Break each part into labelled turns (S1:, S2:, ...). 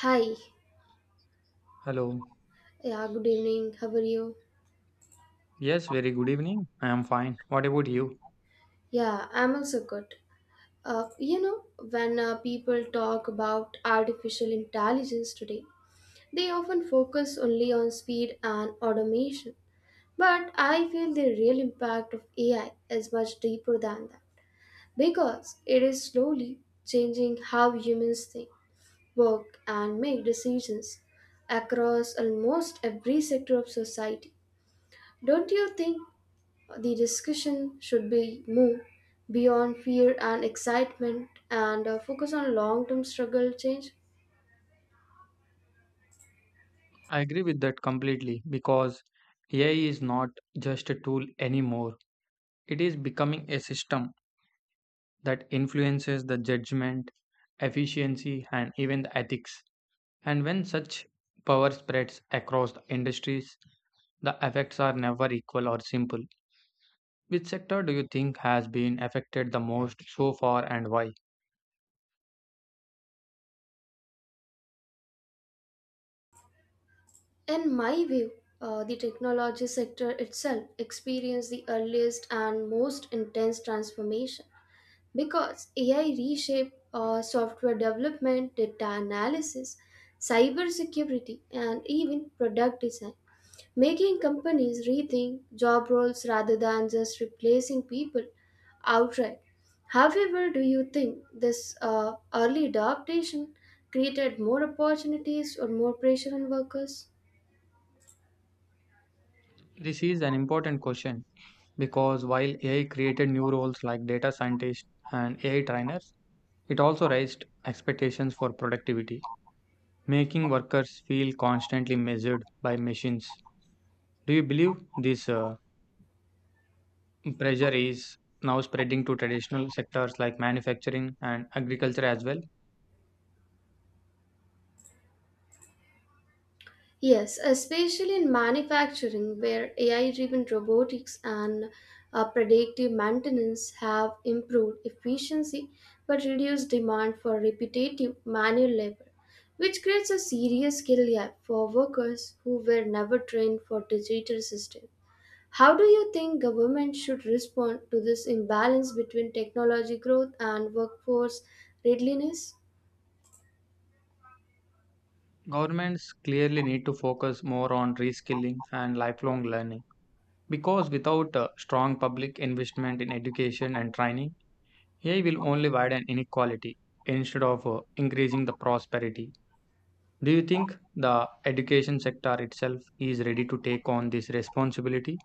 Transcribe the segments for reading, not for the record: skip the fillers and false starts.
S1: Hi.
S2: Hello.
S1: Yeah, good evening. How are you?
S2: Yes, very good evening. I am fine. What about you?
S1: Yeah, I'm also good. You know, when people talk about artificial intelligence today, they often focus only on speed and automation. But I feel the real impact of AI is much deeper than that because it is slowly changing how humans think, work, and make decisions across almost every sector of society. Don't you think the discussion should be move beyond fear and excitement and focus on long term struggle change.
S2: I agree with that completely because AI is not just a tool anymore. It is becoming a system that influences the judgment, efficiency, and even the ethics. And when such power spreads across the industries, the effects are never equal or simple. Which sector do you think has been affected the most so far and why?
S1: In my view, the technology sector itself experienced the earliest and most intense transformation because AI reshaped software development, data analysis, cybersecurity, and even product design, making companies rethink job roles rather than just replacing people outright. However, do you think this early adaptation created more opportunities or more pressure on workers?
S2: This is an important question because while AI created new roles like data scientists and AI trainers, it also raised expectations for productivity, making workers feel constantly measured by machines. Do you believe this pressure is now spreading to traditional sectors like manufacturing and agriculture as well?
S1: Yes, especially in manufacturing, where AI driven robotics and predictive maintenance have improved efficiency but reduced demand for repetitive manual labor, which creates a serious skill gap for workers who were never trained for digital systems. How do you think government should respond to this imbalance between technology growth and workforce readiness?
S2: Governments clearly need to focus more on reskilling and lifelong learning because without strong public investment in education and training, AI will only widen inequality instead of increasing the prosperity. Do you think the education sector itself is ready to take on this responsibility?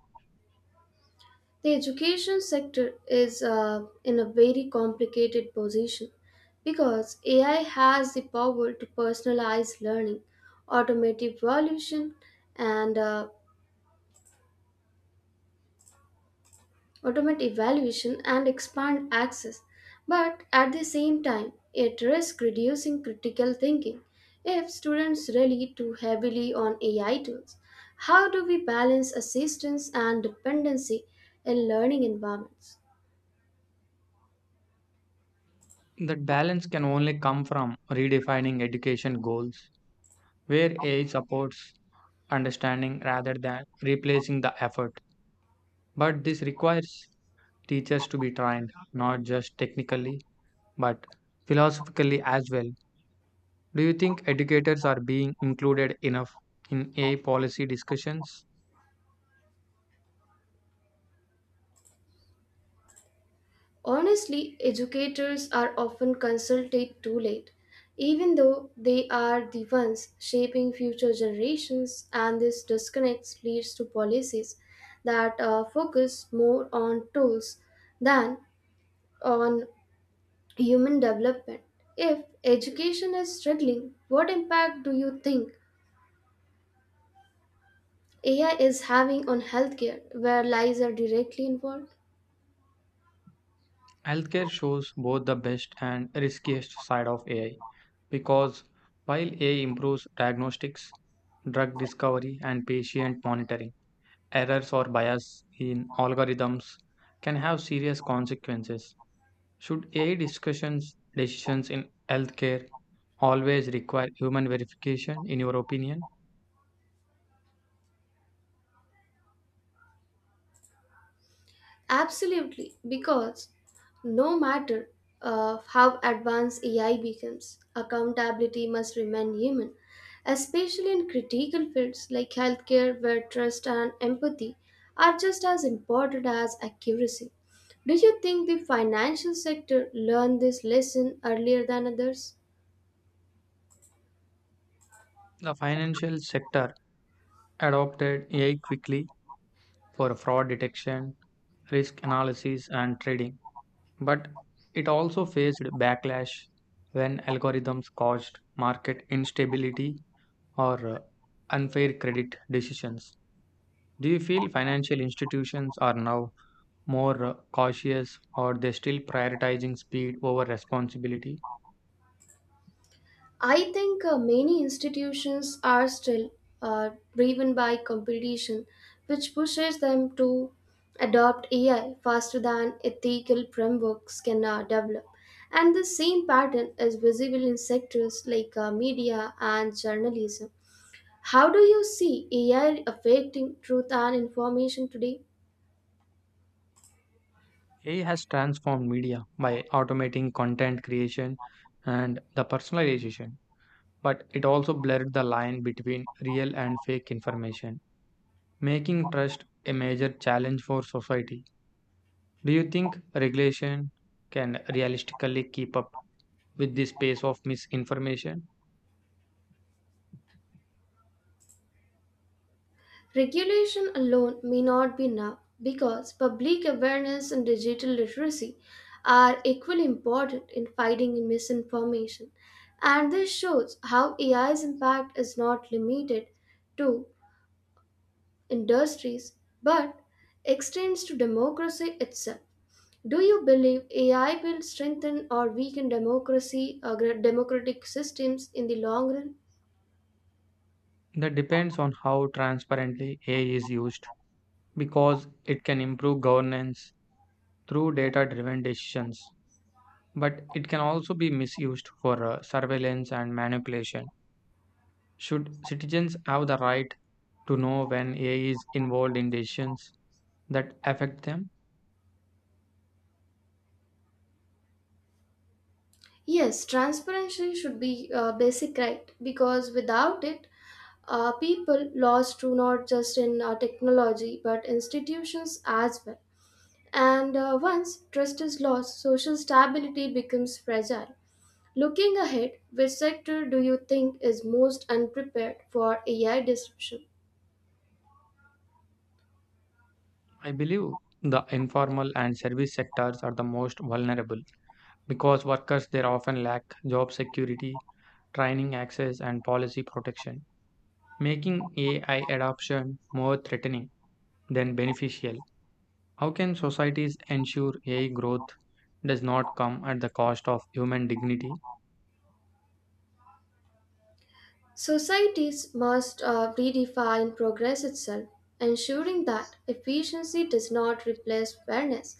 S1: The education sector is in a very complicated position because AI has the power to personalize learning, automate evaluation, and uh, and expand access. But at the same time, it risks reducing critical thinking if students rely too heavily on AI tools. How do we balance assistance and dependency in learning environments?
S2: That balance can only come from redefining education goals, where AI supports understanding rather than replacing the effort. But this requires teachers to be trained not just technically but philosophically as well. Do you think educators are being included enough in AI policy discussions?
S1: Honestly, educators are often consulted too late, even though they are the ones shaping future generations, and this disconnect leads to policies that focus more on tools than on human development. If education is struggling, what impact do you think AI is having on healthcare, where lies are directly involved?
S2: Healthcare shows both the best and riskiest side of AI because while AI improves diagnostics, drug discovery, and patient monitoring, errors or bias in algorithms can have serious consequences. Should AI discussions decisions in healthcare always require human verification, in your opinion?
S1: Absolutely, because no matter how advanced AI becomes, accountability must remain human, especially in critical fields like healthcare, where trust and empathy are just as important as accuracy. Do you think the financial sector learned this lesson earlier than others?
S2: The financial sector adopted AI quickly for fraud detection, risk analysis, and trading. But it also faced backlash when algorithms caused market instability or unfair credit decisions. Do you feel financial institutions are now more cautious or they still prioritizing speed over responsibility?
S1: I think many institutions are still uh, driven by competition, which pushes them to adopt AI faster than ethical frameworks can develop. And the same pattern is visible in sectors like media and journalism. How do you see AI affecting truth and information today?
S2: AI has transformed media by automating content creation and the personalization, but it also blurred the line between real and fake information, making trust a major challenge for society. Do you think regulation can realistically keep up with this pace of misinformation?
S1: Regulation alone may not be enough because public awareness and digital literacy are equally important in fighting misinformation. And this shows how AI's impact is not limited to industries but extends to democracy itself. Do you believe AI will strengthen or weaken democracy or democratic systems in the long run?
S2: That depends on how transparently AI is used because it can improve governance through data driven decisions, but it can also be misused for surveillance and manipulation. Should citizens have the right to know when AI is involved in decisions that affect them?
S1: Yes, transparency should be a basic right because without it, people lost to not just in technology but institutions as well. And once trust is lost, social stability becomes fragile. Looking ahead, which sector do you think is most unprepared for AI disruption?
S2: I believe the informal and service sectors are the most vulnerable because workers there often lack job security, training access, and policy protection, making AI adoption more threatening than beneficial. How can societies ensure AI growth does not come at the cost of human dignity?
S1: Societies must redefine progress itself, ensuring that efficiency does not replace fairness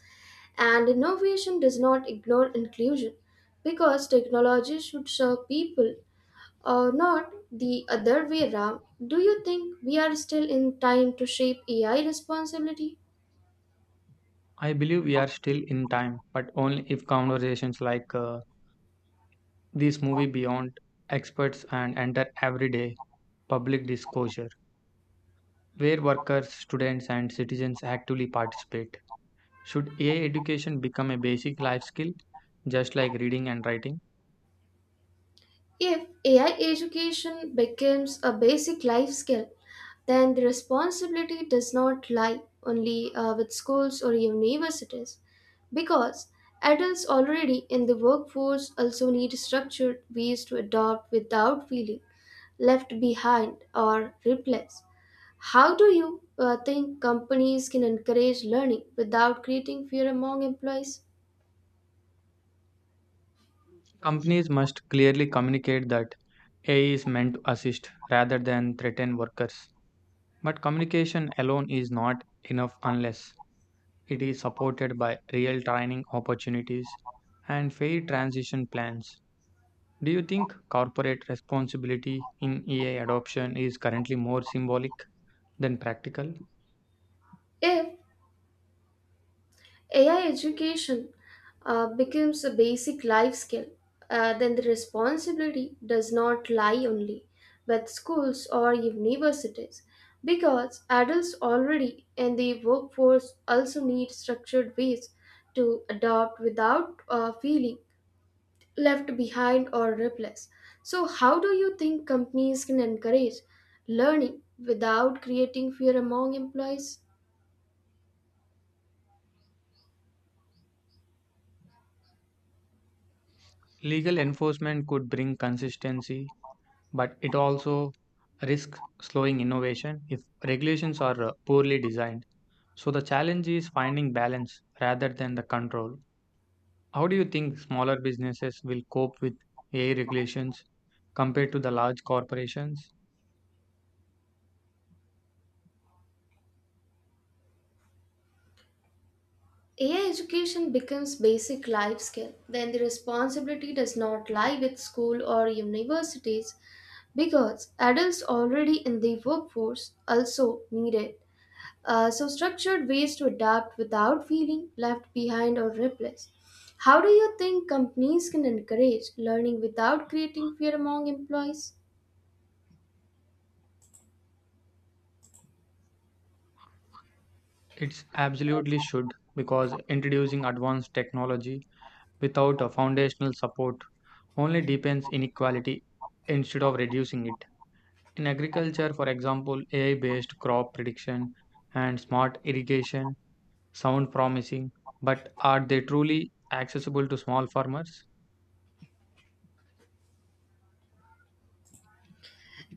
S1: and innovation does not ignore inclusion because technology should serve people or not the other way around. Do you think we are still in time to shape ai responsibility?
S2: I believe we are still in time, but only if conversations like this movie Beyond experts and enter everyday public disclosure, where workers, students, and citizens actively participate. Should AI education become a basic life skill, just like reading and writing?
S1: If AI education becomes a basic life skill, then the responsibility does not lie only with schools or universities because adults already in the workforce also need structured ways to adopt without feeling left behind or replaced. How do you think companies can encourage learning without creating fear among employees?
S2: Companies must clearly communicate that AI is meant to assist rather than threaten workers. But communication alone is not enough unless it is supported by real training opportunities and fair transition plans. Do you think corporate responsibility in AI adoption is currently more symbolic than practical?
S1: If AI education becomes a basic life skill, then the responsibility does not lie only with schools or universities because adults already in the workforce also need structured ways to adopt without feeling left behind or replaced. So, how do you think companies can encourage learning without creating fear among employees?
S2: Legal enforcement could bring consistency, but it also risks slowing innovation if regulations are poorly designed. So the challenge is finding balance rather than the control. How do you think smaller businesses will cope with AI regulations compared to the large corporations?
S1: AI education becomes basic life skill when the responsibility does not lie with school or universities because adults already in the workforce also need it. So structured ways to adapt without feeling left behind or replaced. How do you think companies can encourage learning without creating fear among employees?
S2: It's absolutely should because introducing advanced technology without a foundational support only deepens inequality instead of reducing it. In agriculture, for example, AI based crop prediction and smart irrigation sound promising, but are they truly accessible to small farmers?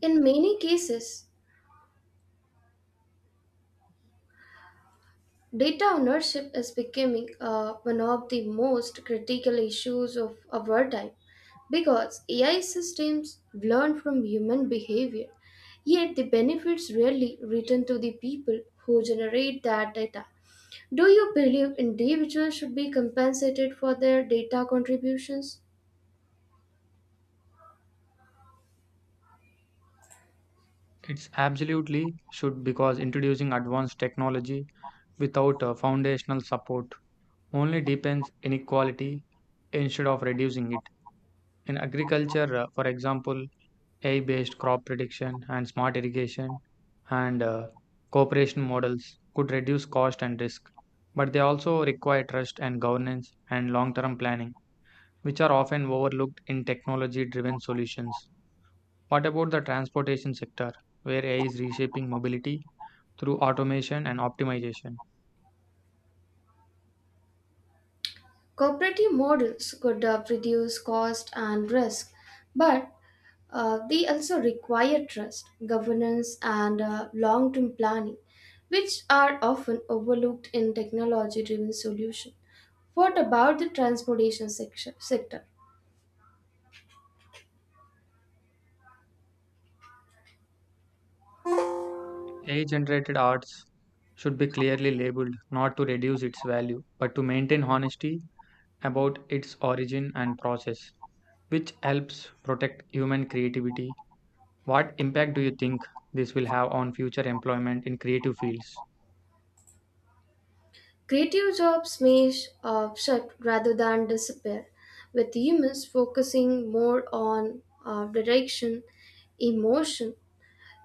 S1: In many cases, data ownership is becoming one of the most critical issues of our time because AI systems learn from human behavior, yet the benefits rarely return to the people who generate that data. Do you believe individuals should be compensated for their data contributions?
S2: It's absolutely should because introducing advanced technology without a foundational support only deepens inequality instead of reducing it. In agriculture, for example, AI based crop prediction and smart irrigation and cooperation models could reduce cost and risk, but they also require trust and governance and long term planning, which are often overlooked in technology driven solutions. What about the transportation sector, where AI is reshaping mobility through automation and optimization?
S1: Cooperative models could reduce cost and risk, but they also require trust, governance, and long term planning, which are often overlooked in technology driven solutions. What about the transportation sector?
S2: AI generated arts should be clearly labeled not to reduce its value, but to maintain honesty about its origin and process, which helps protect human creativity. What impact do you think this will have on future employment in creative fields?
S1: Creative jobs may shut rather than disappear, with humans focusing more on direction, emotion,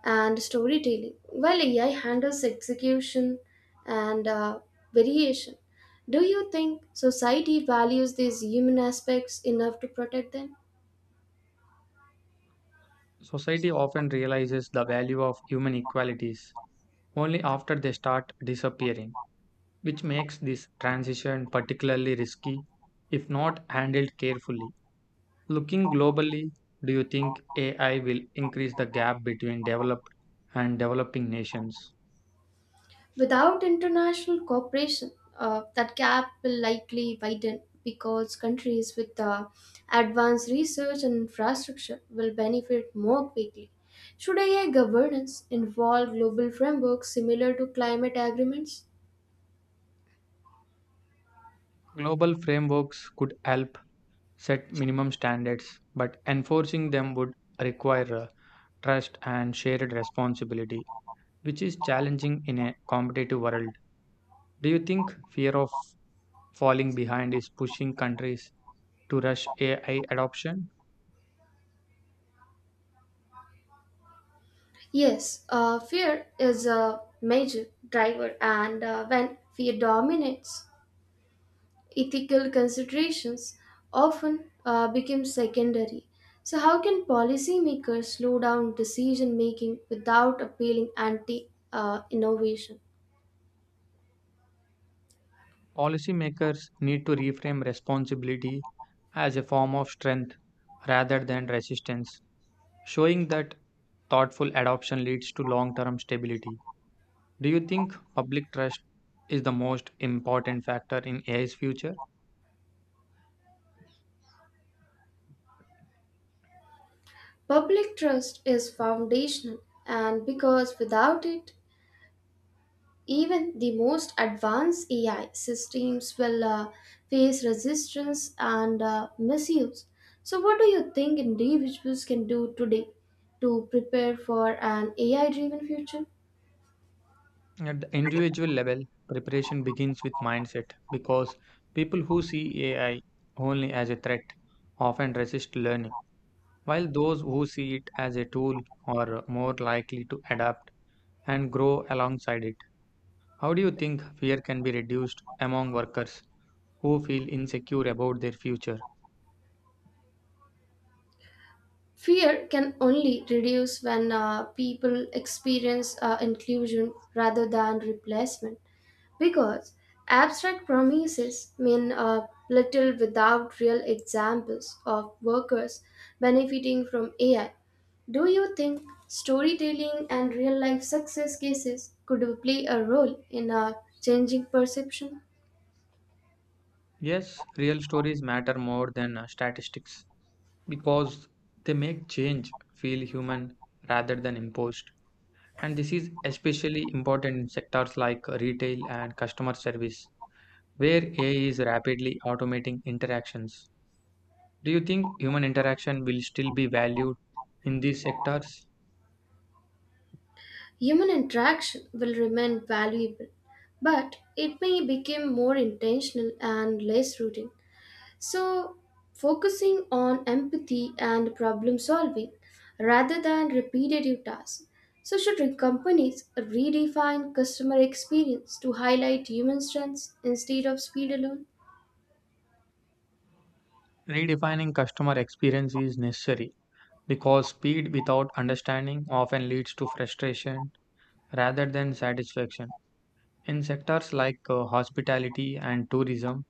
S1: and storytelling, while AI handles execution and variation. Do you think society values these human aspects enough to protect them?
S2: Society often realizes the value of human equalities only after they start disappearing, which makes this transition particularly risky if not handled carefully. Looking globally, do you think AI will increase the gap between developed and developing nations?
S1: Without international cooperation, that gap will likely widen because countries with advanced research and infrastructure will benefit more quickly. Should AI governance involve global frameworks similar to climate agreements?
S2: Global frameworks could help set minimum standards, but enforcing them would require trust and shared responsibility, which is challenging in a competitive world. Do you think fear of falling behind is pushing countries to rush AI adoption?
S1: Yes, fear is a major driver, and when fear dominates, ethical considerations often become secondary. So, how can policymakers slow down decision making without appealing anti innovation?
S2: Policymakers need to reframe responsibility as a form of strength rather than resistance, showing that thoughtful adoption leads to long term stability. Do you think public trust is the most important factor in AI's future?
S1: Public trust is foundational, and because without it, even the most advanced AI systems will face resistance and misuse. So, what do you think individuals can do today to prepare for an AI driven future?
S2: At the individual level, preparation begins with mindset because people who see AI only as a threat often resist learning, while those who see it as a tool are more likely to adapt and grow alongside it. How do you think fear can be reduced among workers who feel insecure about their future?
S1: Fear can only reduce when people experience inclusion rather than replacement. Because abstract promises mean little without real examples of workers benefiting from AI. Do you think storytelling and real life success cases could play a role in changing perception?
S2: Yes, real stories matter more than statistics because they make change feel human rather than imposed. And this is especially important in sectors like retail and customer service, where AI is rapidly automating interactions. Do you think human interaction will still be valued in these sectors?
S1: Human interaction will remain valuable, but it may become more intentional and less routine. So, focusing on empathy and problem solving rather than repetitive tasks. So, should companies redefine customer experience to highlight human strengths instead of speed alone?
S2: Redefining customer experience is necessary because speed without understanding often leads to frustration rather than satisfaction. In sectors like hospitality and tourism,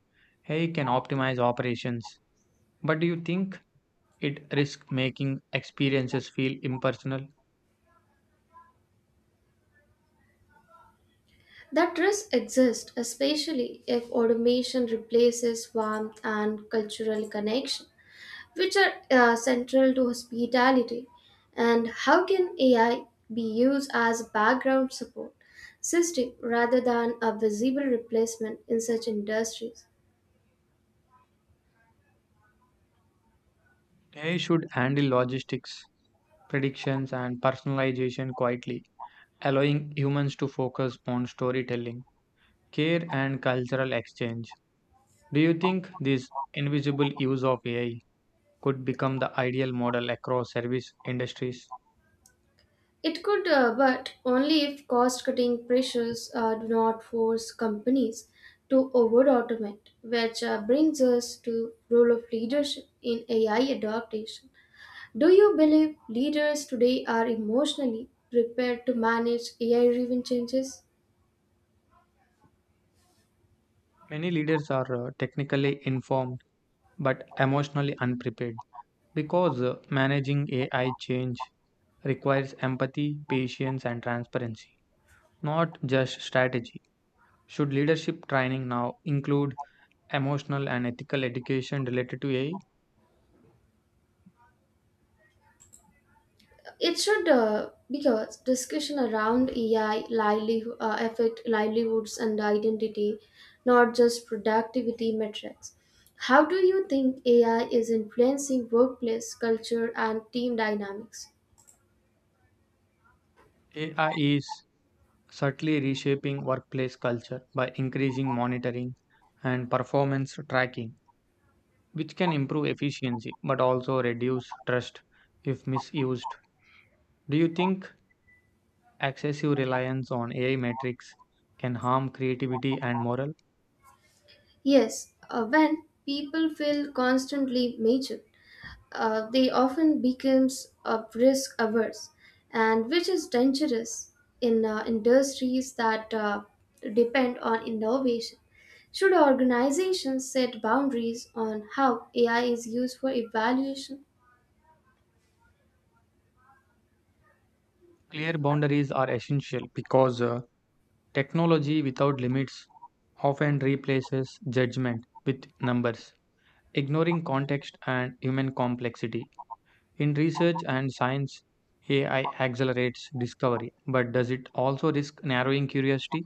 S2: AI can optimize operations, but do you think it risks making experiences feel impersonal?
S1: That risk exists, especially if automation replaces warmth and cultural connection, which are central to hospitality, and how can AI be used as a background support system rather than a visible replacement in such industries?
S2: AI should handle logistics, predictions, and personalization quietly, allowing humans to focus on storytelling, care, and cultural exchange. Do you think this invisible use of AI could become the ideal model across service industries?
S1: It could, but only if cost cutting pressures do not force companies to over automate, which brings us to role of leadership in AI adaptation. Do you believe leaders today are emotionally prepared to manage AI driven changes?
S2: Many leaders are technically informed but emotionally unprepared because managing AI change requires empathy, patience, and transparency, not just strategy. Should leadership training now include emotional and ethical education related to AI?
S1: It should because discussion around AI livelihood, uh, affect livelihoods and identity, not just productivity metrics. How do you think AI is influencing workplace culture and team dynamics?
S2: AI is subtly reshaping workplace culture by increasing monitoring and performance tracking, which can improve efficiency but also reduce trust if misused. Do you think excessive reliance on AI metrics can harm creativity and morale?
S1: Yes, when people feel constantly measured, they often becomes risk averse, and which is dangerous in industries that depend on innovation. Should organizations set boundaries on how AI is used for evaluation?
S2: Clear boundaries are essential because technology without limits often replaces judgment with numbers, ignoring context and human complexity. In research and science, AI accelerates discovery, but does it also risk narrowing curiosity?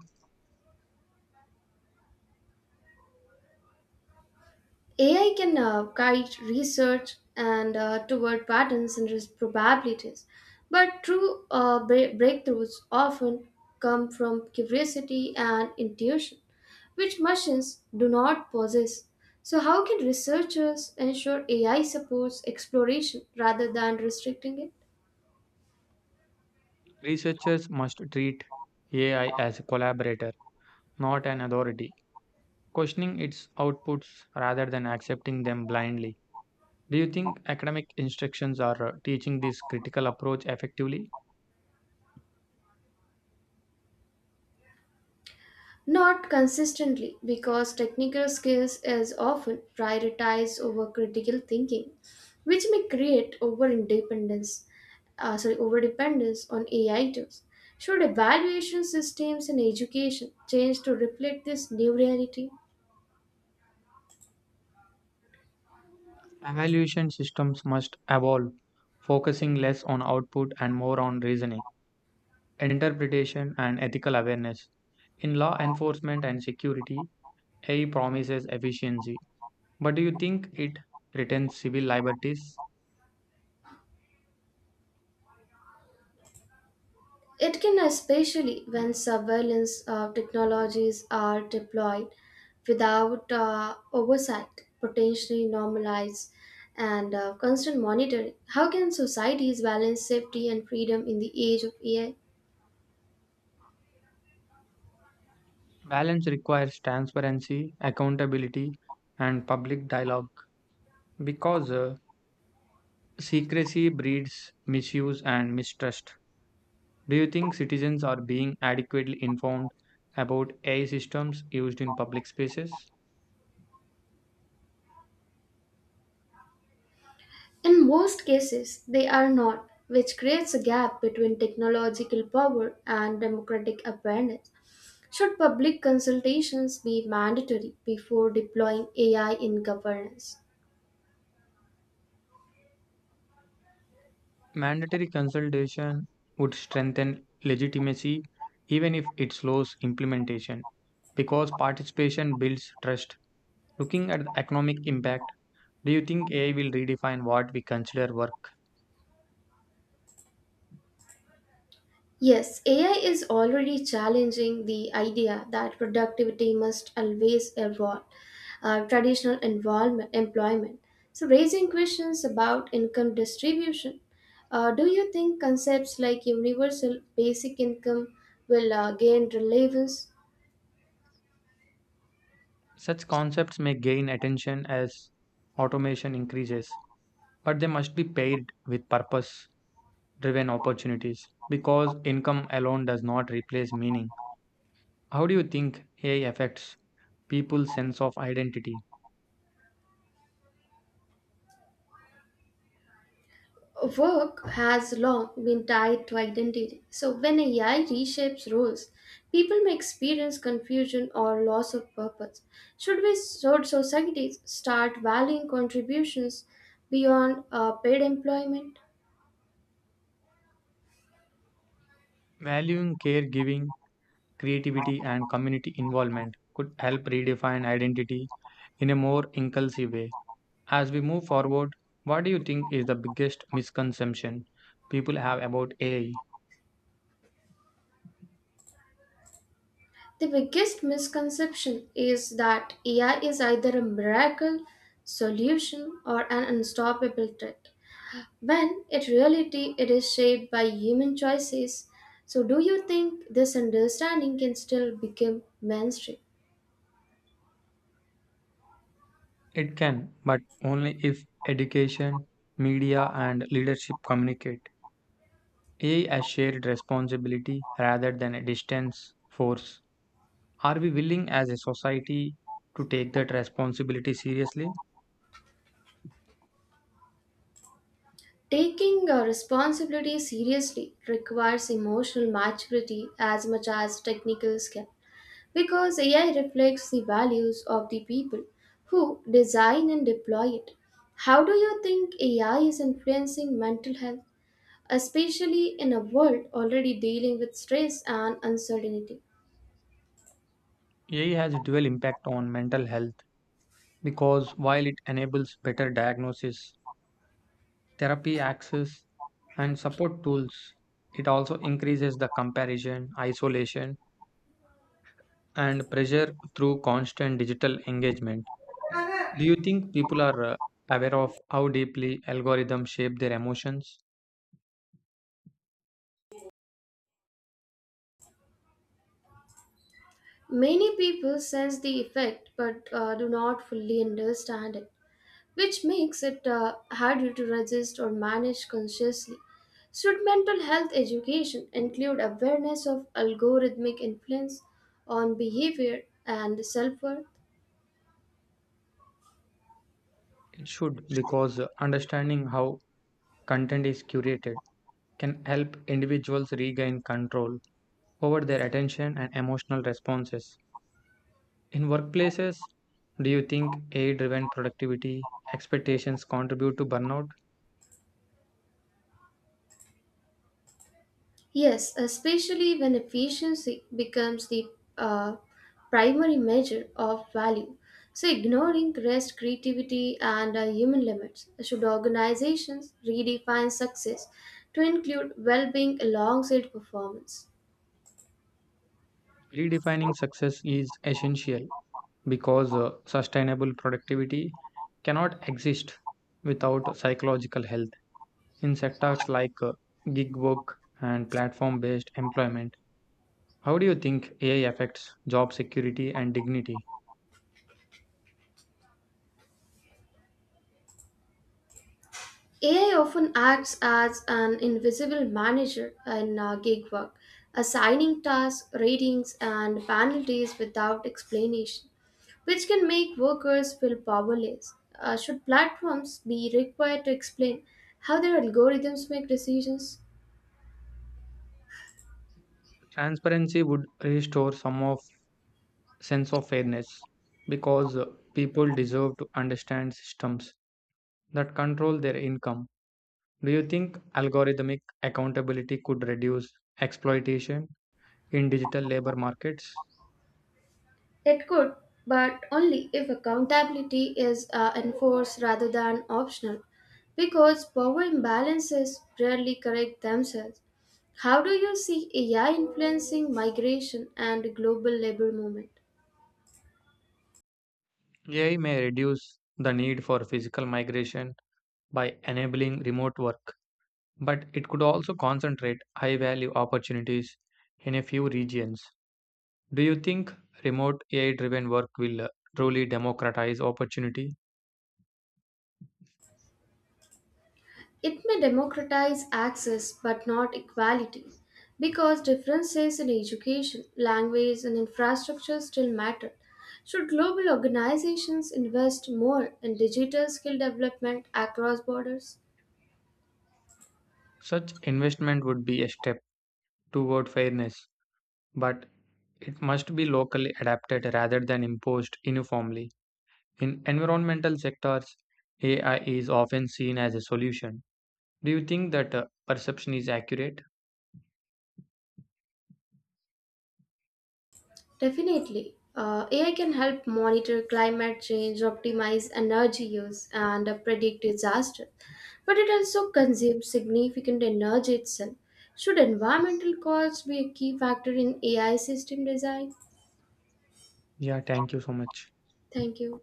S1: AI can guide research and toward patterns and risk probabilities, but true breakthroughs often come from curiosity and intuition, which machines do not possess. So, how can researchers ensure AI supports exploration rather than restricting it?
S2: Researchers must treat AI as a collaborator, not an authority, questioning its outputs rather than accepting them blindly. Do you think academic instructions are teaching this critical approach effectively?
S1: Not consistently, because technical skills is often prioritized over critical thinking, which may create over dependence on AI tools. Should evaluation systems in education change to reflect this new reality?
S2: Evaluation systems must evolve, focusing less on output and more on reasoning, interpretation, and ethical awareness. In law enforcement and security, AI promises efficiency, but do you think it threatens civil liberties?
S1: It can especially when surveillance technologies are deployed without oversight, potentially normalize and constant monitoring. How can societies balance safety and freedom in the age of AI?
S2: Balance requires transparency, accountability, and public dialogue because secrecy breeds misuse and mistrust. Do you think citizens are being adequately informed about AI systems used in public spaces?
S1: In most cases, they are not, which creates a gap between technological power and democratic awareness. Should public consultations be mandatory before deploying AI in governance?
S2: Mandatory consultation would strengthen legitimacy even if it slows implementation because participation builds trust. Looking at the economic impact, do you think AI will redefine what we consider work?
S1: Yes, AI is already challenging the idea that productivity must always evolve traditional involvement, employment. So, raising questions about income distribution. Do you think concepts like universal basic income will gain relevance?
S2: Such concepts may gain attention as automation increases, but they must be paired with purpose driven opportunities because income alone does not replace meaning. How do you think AI affects people's sense of identity?
S1: Work has long been tied to identity. So when AI reshapes roles, people may experience confusion or loss of purpose. Should societies start valuing contributions beyond paid employment?
S2: Valuing caregiving, creativity, and community involvement could help redefine identity in a more inclusive way. As we move forward, what do you think is the biggest misconception people have about AI?
S1: The biggest misconception is that AI is either a miracle solution or an unstoppable threat, when in reality it is shaped by human choices. So, do you think this understanding can still become mainstream?
S2: It can, but only if education, media, and leadership communicate. AI as shared responsibility rather than a distance force. Are we willing as a society to take that responsibility seriously?
S1: Taking a responsibility seriously requires emotional maturity as much as technical skill because AI reflects the values of the people who design and deploy it. How do you think AI is influencing mental health, especially in a world already dealing with stress and uncertainty?
S2: AI has a dual impact on mental health because while it enables better diagnosis, therapy access, and support tools, it also increases the comparison, isolation, and pressure through constant digital engagement. Do you think people are aware of how deeply algorithms shape their emotions?
S1: Many people sense the effect but do not fully understand it, which makes it harder to resist or manage consciously. Should mental health education include awareness of algorithmic influence on behavior and self worth?
S2: It should, because understanding how content is curated can help individuals regain control over their attention and emotional responses. In workplaces, do you think AI driven productivity expectations contribute to burnout?
S1: Yes, especially when efficiency becomes the uh, primary measure of value. So, ignoring rest, creativity, and human limits, should organizations redefine success to include well being alongside performance?
S2: Redefining success is essential because sustainable productivity cannot exist without psychological health. In sectors like gig work and platform based employment. How do you think AI affects job security and dignity?
S1: AI often acts as an invisible manager in gig work, assigning tasks, ratings, and penalties without explanation, which can make workers feel powerless. Should platforms be required to explain how their algorithms make decisions?
S2: Transparency would restore some of sense of fairness because people deserve to understand systems that control their income. Do you think algorithmic accountability could reduce exploitation in digital labor markets?
S1: It could, but only if accountability is enforced rather than optional, because power imbalances rarely correct themselves. How do you see AI influencing migration and global labor movement?
S2: AI may reduce the need for physical migration by enabling remote work, but it could also concentrate high value opportunities in a few regions. Do you think remote AI driven work will truly democratize opportunity?
S1: It may democratize access but not equality, because differences in education, language, and infrastructure still matter. Should global organizations invest more in digital skill development across borders?
S2: Such investment would be a step toward fairness, but it must be locally adapted rather than imposed uniformly. In environmental sectors, AI is often seen as a solution. Do you think that perception is accurate?
S1: Definitely. AI can help monitor climate change, optimize energy use, and predict disaster. But it also consumes significant energy itself. Should environmental costs be a key factor in AI system design?
S2: Yeah, thank you so much.
S1: Thank you.